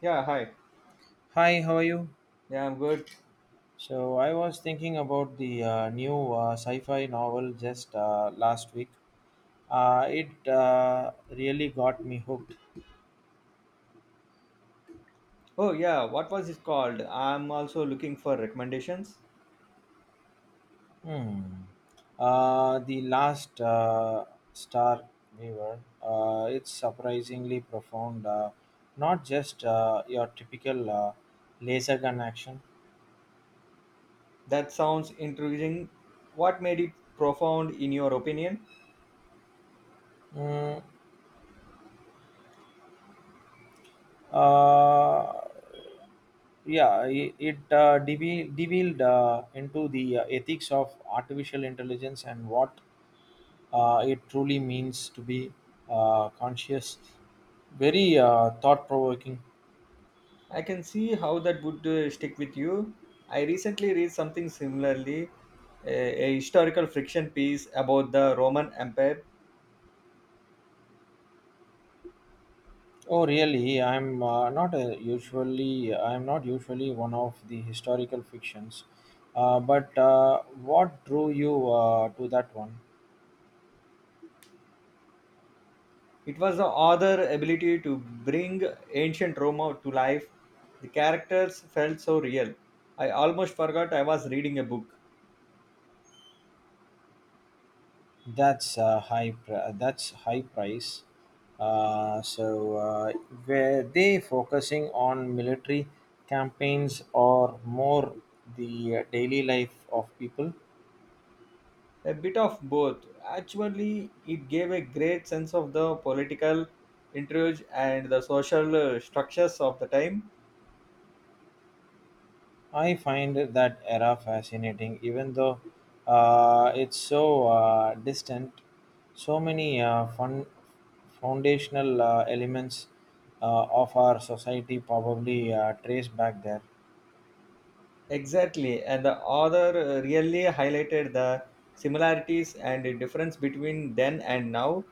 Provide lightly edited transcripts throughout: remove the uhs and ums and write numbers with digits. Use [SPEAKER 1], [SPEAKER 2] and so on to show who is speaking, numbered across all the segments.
[SPEAKER 1] Yeah, hi.
[SPEAKER 2] Hi, how are you?
[SPEAKER 1] Yeah, I'm good.
[SPEAKER 2] So I was thinking about the new sci-fi novel just last week. It really got me hooked.
[SPEAKER 1] Oh, yeah, what was it called? I'm also looking for recommendations.
[SPEAKER 2] Hmm. The last star we were. It's surprisingly profound. Not just your typical laser gun action.
[SPEAKER 1] That sounds intriguing. What made it profound in your opinion?
[SPEAKER 2] Mm, Uh, deviled into the ethics of artificial intelligence and what it truly means to be conscious. Very thought-provoking.
[SPEAKER 1] I can see how that would stick with you. I recently read something similarly, a historical fiction piece about the Roman Empire.
[SPEAKER 2] Oh, really? I'm not usually one of the historical fictions, but what drew you to that one?
[SPEAKER 1] It was the author's ability to bring ancient Rome to life. The characters felt so real. I almost forgot I was reading a book.
[SPEAKER 2] That's high price. So were they focusing on military campaigns or more the daily life of people?
[SPEAKER 1] A bit of both. Actually, it gave a great sense of the political intrigue and the social structures of the time.
[SPEAKER 2] I find that era fascinating, even though it's so distant. So many fun foundational elements of our society probably trace back there.
[SPEAKER 1] Exactly, and the author really highlighted the similarities and the difference between then and now,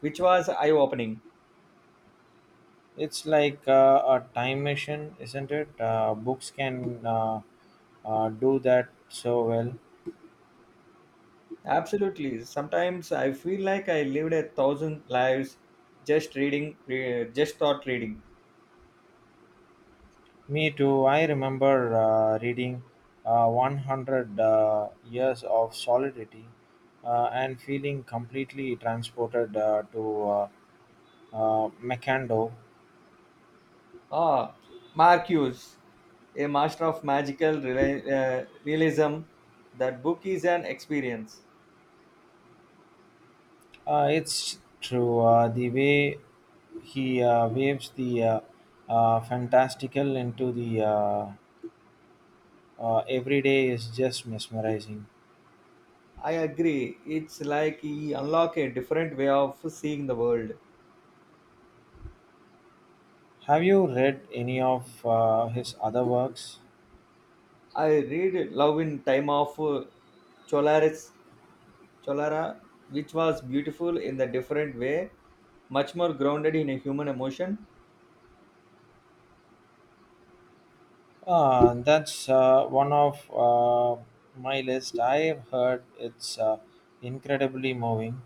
[SPEAKER 1] which was eye opening.
[SPEAKER 2] It's like a time machine, isn't it? Books can do that so well.
[SPEAKER 1] Absolutely, sometimes I feel like I lived a thousand lives just reading, just thought reading.
[SPEAKER 2] Me too. I remember reading 100 Years of Solidity and feeling completely transported to Macando.
[SPEAKER 1] Ah, Marcuse, a master of realism. That book is an experience.
[SPEAKER 2] It's true. The way he waves the fantastical into the everyday is just mesmerizing.
[SPEAKER 1] I agree. It's like he unlock a different way of seeing the world.
[SPEAKER 2] Have you read any of his other works?
[SPEAKER 1] I read Love in Time of Cholaris, Cholara, which was beautiful in the different way, much more grounded in a human emotion.
[SPEAKER 2] That's one of my list. I've heard it's incredibly moving.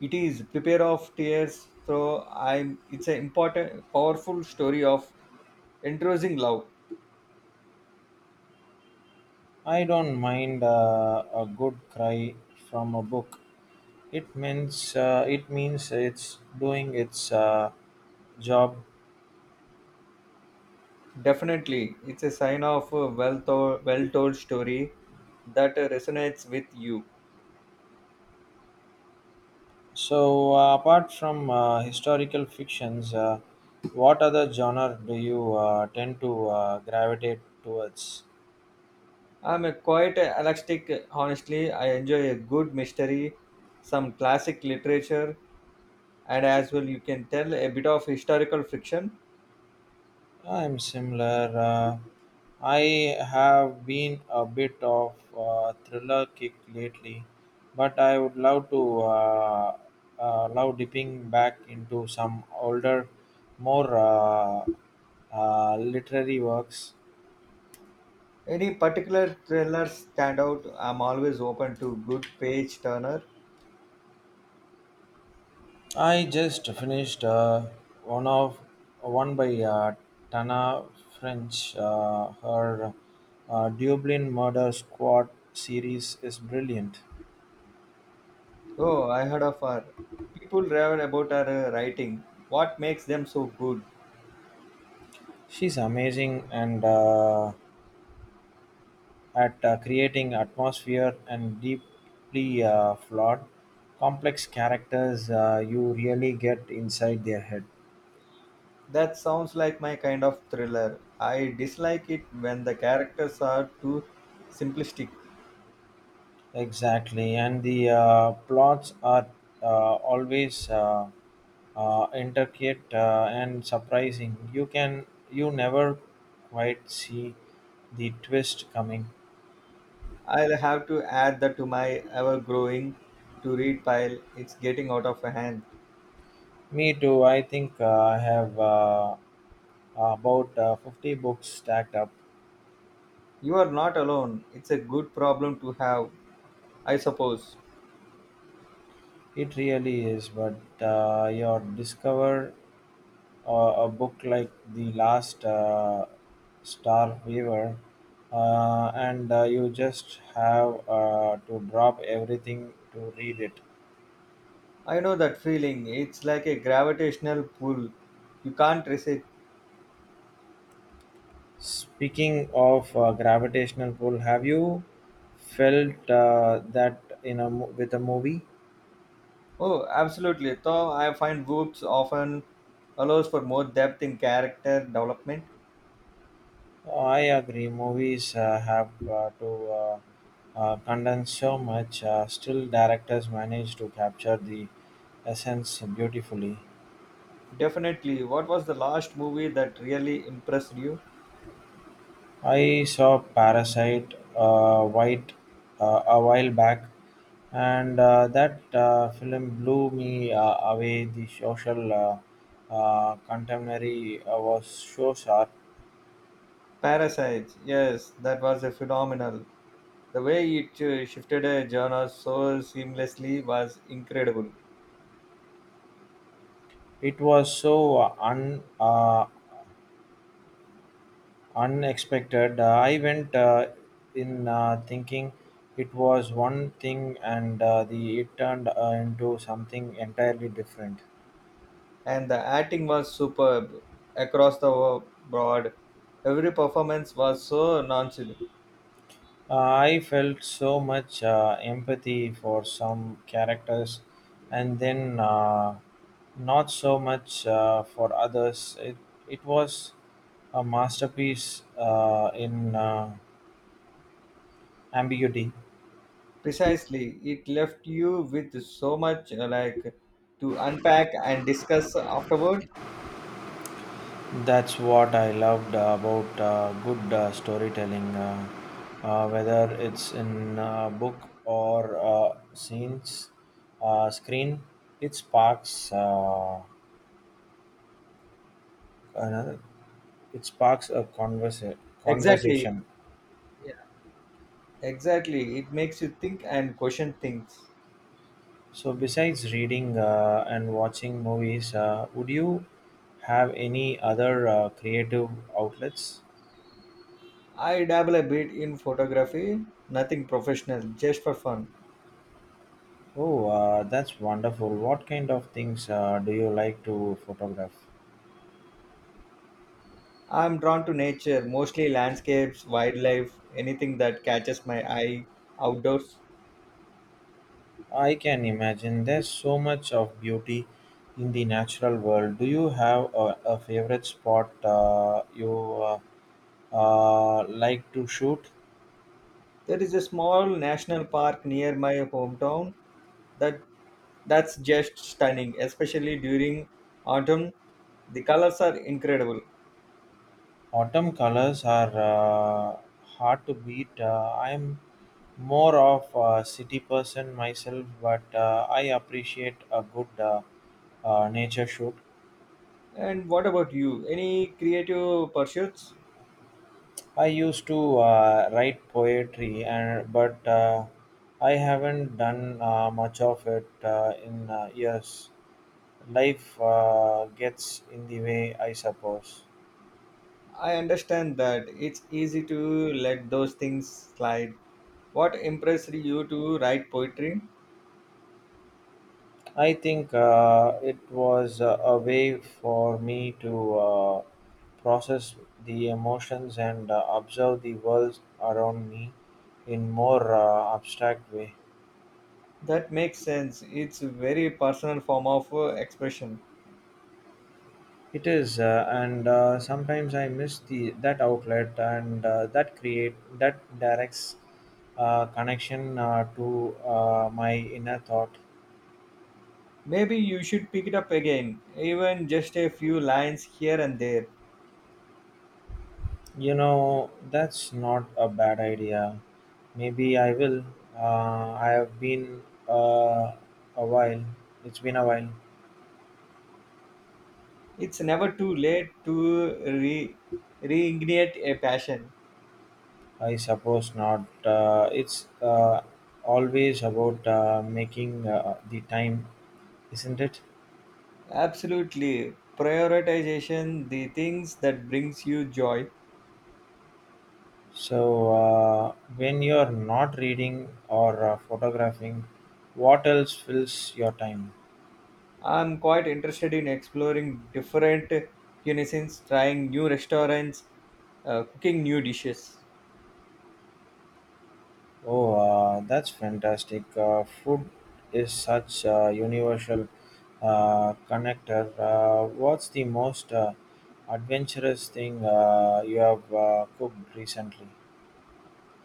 [SPEAKER 1] It is prepare of tears. So I'm. It's an important, powerful story of entrancing love.
[SPEAKER 2] I don't mind a good cry from a book. It means it's doing its job.
[SPEAKER 1] Definitely, it's a sign of a well told story that resonates with you.
[SPEAKER 2] So apart from historical fictions, what other genre do you tend to gravitate towards?
[SPEAKER 1] I'm a quite elastic, honestly. I enjoy a good mystery, some classic literature, and as well, you can tell a bit of historical fiction.
[SPEAKER 2] I'm similar. I have been a bit of a thriller kick lately, but I would love to love dipping back into some older, more literary works.
[SPEAKER 1] Any particular thrillers stand out? I'm always open to good page turner.
[SPEAKER 2] I just finished one of one by Tana French. Her Dublin Murder Squad series is brilliant.
[SPEAKER 1] Oh, I heard of her. People ravel about her writing. What makes them so good?
[SPEAKER 2] She's amazing and at creating atmosphere and deeply flawed, complex characters. You really get inside their head.
[SPEAKER 1] That sounds like my kind of thriller. I dislike it when the characters are too simplistic.
[SPEAKER 2] Exactly, and the plots are uh, always intricate and surprising. You never quite see the twist coming.
[SPEAKER 1] I'll have to add that to my ever growing to read pile. It's getting out of hand.
[SPEAKER 2] Me too. I think I have about 50 books stacked up.
[SPEAKER 1] You are not alone. It's a good problem to have, I suppose.
[SPEAKER 2] It really is, but you discover uh, a book like The Last Star Weaver, and you just have to drop everything to read it.
[SPEAKER 1] I know that feeling. It's like a gravitational pull. You can't resist.
[SPEAKER 2] Speaking of gravitational pull, have you felt that in a mo- with a movie?
[SPEAKER 1] Oh, absolutely. Though I find books often allows for more depth in character development.
[SPEAKER 2] I agree. Movies have to condense so much. Still, directors manage to capture the essence beautifully.
[SPEAKER 1] Definitely. What was the last movie that really impressed you?
[SPEAKER 2] I saw Parasite White a while back, and that film blew me away. The social contemporary was so sharp.
[SPEAKER 1] Parasites. Yes, that was a phenomenal. The way it shifted a genre so seamlessly was incredible,
[SPEAKER 2] It was so Unexpected. I went in thinking it was one thing, and the it turned into something entirely different.
[SPEAKER 1] and the acting was superb across the board. Every performance was so nonchalant.
[SPEAKER 2] Uh, I felt so much empathy for some characters, and then not so much for others. It was a masterpiece in ambiguity.
[SPEAKER 1] Precisely, it left you with so much to unpack and discuss afterward.
[SPEAKER 2] That's what I loved about good storytelling, whether it's in a book or screen. It sparks another. It sparks a
[SPEAKER 1] Exactly.
[SPEAKER 2] conversation.
[SPEAKER 1] Yeah. Exactly. It makes you think and question things.
[SPEAKER 2] So, besides reading and watching movies, would you have any other creative outlets?
[SPEAKER 1] I dabble a bit in photography, nothing professional, just for fun.
[SPEAKER 2] Oh, that's wonderful. What kind of things do you like to photograph?
[SPEAKER 1] I'm drawn to nature, mostly landscapes, wildlife, anything that catches my eye outdoors.
[SPEAKER 2] I can imagine there's so much of beauty in the natural world. Do you have a favorite spot you like to shoot?
[SPEAKER 1] There is a small national park near my hometown that that's just stunning, especially during autumn. The colors are incredible.
[SPEAKER 2] Autumn colors are hard to beat. I'm more of a city person myself, but I appreciate a good nature shoot.
[SPEAKER 1] And what about you? Any creative pursuits?
[SPEAKER 2] I used to write poetry, and but I haven't done much of it in years. Life gets in the way, I suppose.
[SPEAKER 1] I understand that it's easy to let those things slide. What impressed you to write poetry?
[SPEAKER 2] I think it was a way for me to process the emotions and observe the world around me in more abstract way.
[SPEAKER 1] That makes sense. It's a very personal form of expression.
[SPEAKER 2] It is, and sometimes I miss the that outlet and that create that directs connection to my inner thought.
[SPEAKER 1] Maybe you should pick it up again, even just a few lines here and there.
[SPEAKER 2] You know, that's not a bad idea. Maybe I will. I have been uh, a while. It's been a while.
[SPEAKER 1] It's never too late to reignite a passion.
[SPEAKER 2] I suppose not. It's always about making the time, isn't it?
[SPEAKER 1] Absolutely. Prioritization, the things that brings you joy.
[SPEAKER 2] So, when you're not reading or photographing, what else fills your time?
[SPEAKER 1] I'm quite interested in exploring different cuisines, trying new restaurants, cooking new dishes.
[SPEAKER 2] Oh, that's fantastic. Food is such a universal connector. What's the most adventurous thing you have cooked recently?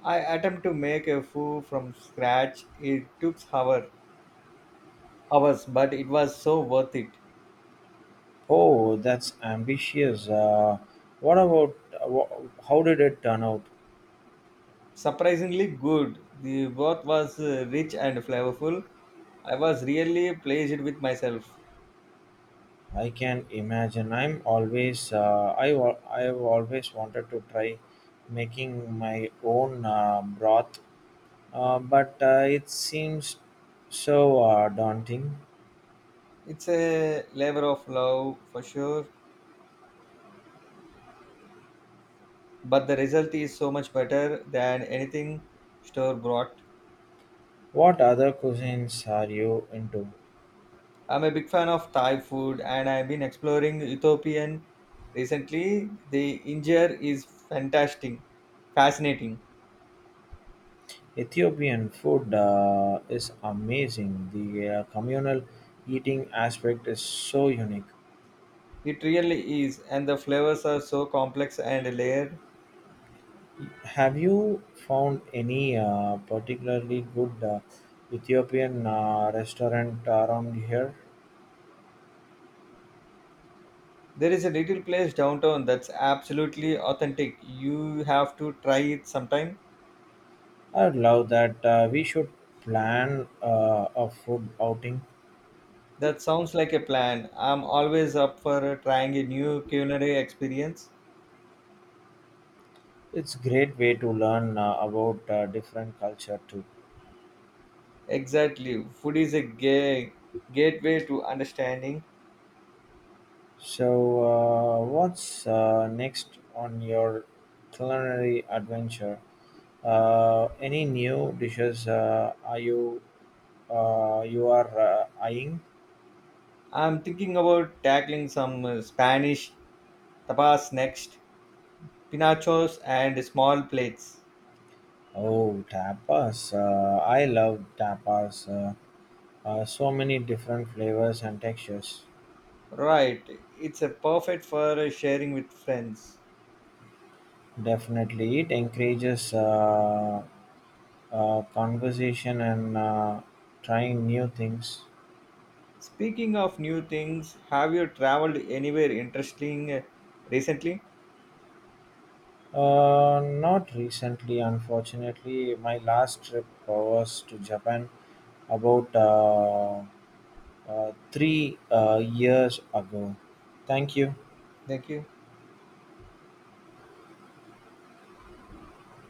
[SPEAKER 1] I attempt to make a foo from scratch. It took hours, but it was so worth it.
[SPEAKER 2] Oh, that's ambitious. What about wha how did it turn out?
[SPEAKER 1] Surprisingly good. The broth was rich and flavorful. I was really pleased with myself.
[SPEAKER 2] I can imagine. I've always wanted to try making my own broth, but it seems so daunting.
[SPEAKER 1] It's a labor of love for sure, but the result is so much better than anything store brought.
[SPEAKER 2] What other cuisines are you into?
[SPEAKER 1] I'm a big fan of Thai food and I've been exploring Ethiopian recently. The injera is fascinating.
[SPEAKER 2] Ethiopian food is amazing. The communal eating aspect is so unique.
[SPEAKER 1] It really is, and the flavors are so complex and layered.
[SPEAKER 2] Have you found any particularly good Ethiopian restaurant around here?
[SPEAKER 1] There is a little place downtown that's absolutely authentic. You have to try it sometime.
[SPEAKER 2] I would love that. We should plan a food outing.
[SPEAKER 1] That sounds like a plan. I'm always up for trying a new culinary experience.
[SPEAKER 2] It's great way to learn about different culture too.
[SPEAKER 1] Exactly. Food is a gateway to understanding.
[SPEAKER 2] So, what's next on your culinary adventure? Any new dishes are you you are eyeing?
[SPEAKER 1] I'm thinking about tackling some Spanish tapas next, pinachos and small plates.
[SPEAKER 2] Oh, tapas! I love tapas. So many different flavors and textures.
[SPEAKER 1] Right. It's a perfect for sharing with friends.
[SPEAKER 2] Definitely, it encourages conversation and trying new things.
[SPEAKER 1] Speaking of new things, have you traveled anywhere interesting recently?
[SPEAKER 2] Not recently, unfortunately. My last trip was to Japan about three years ago. Thank you.
[SPEAKER 1] Thank you.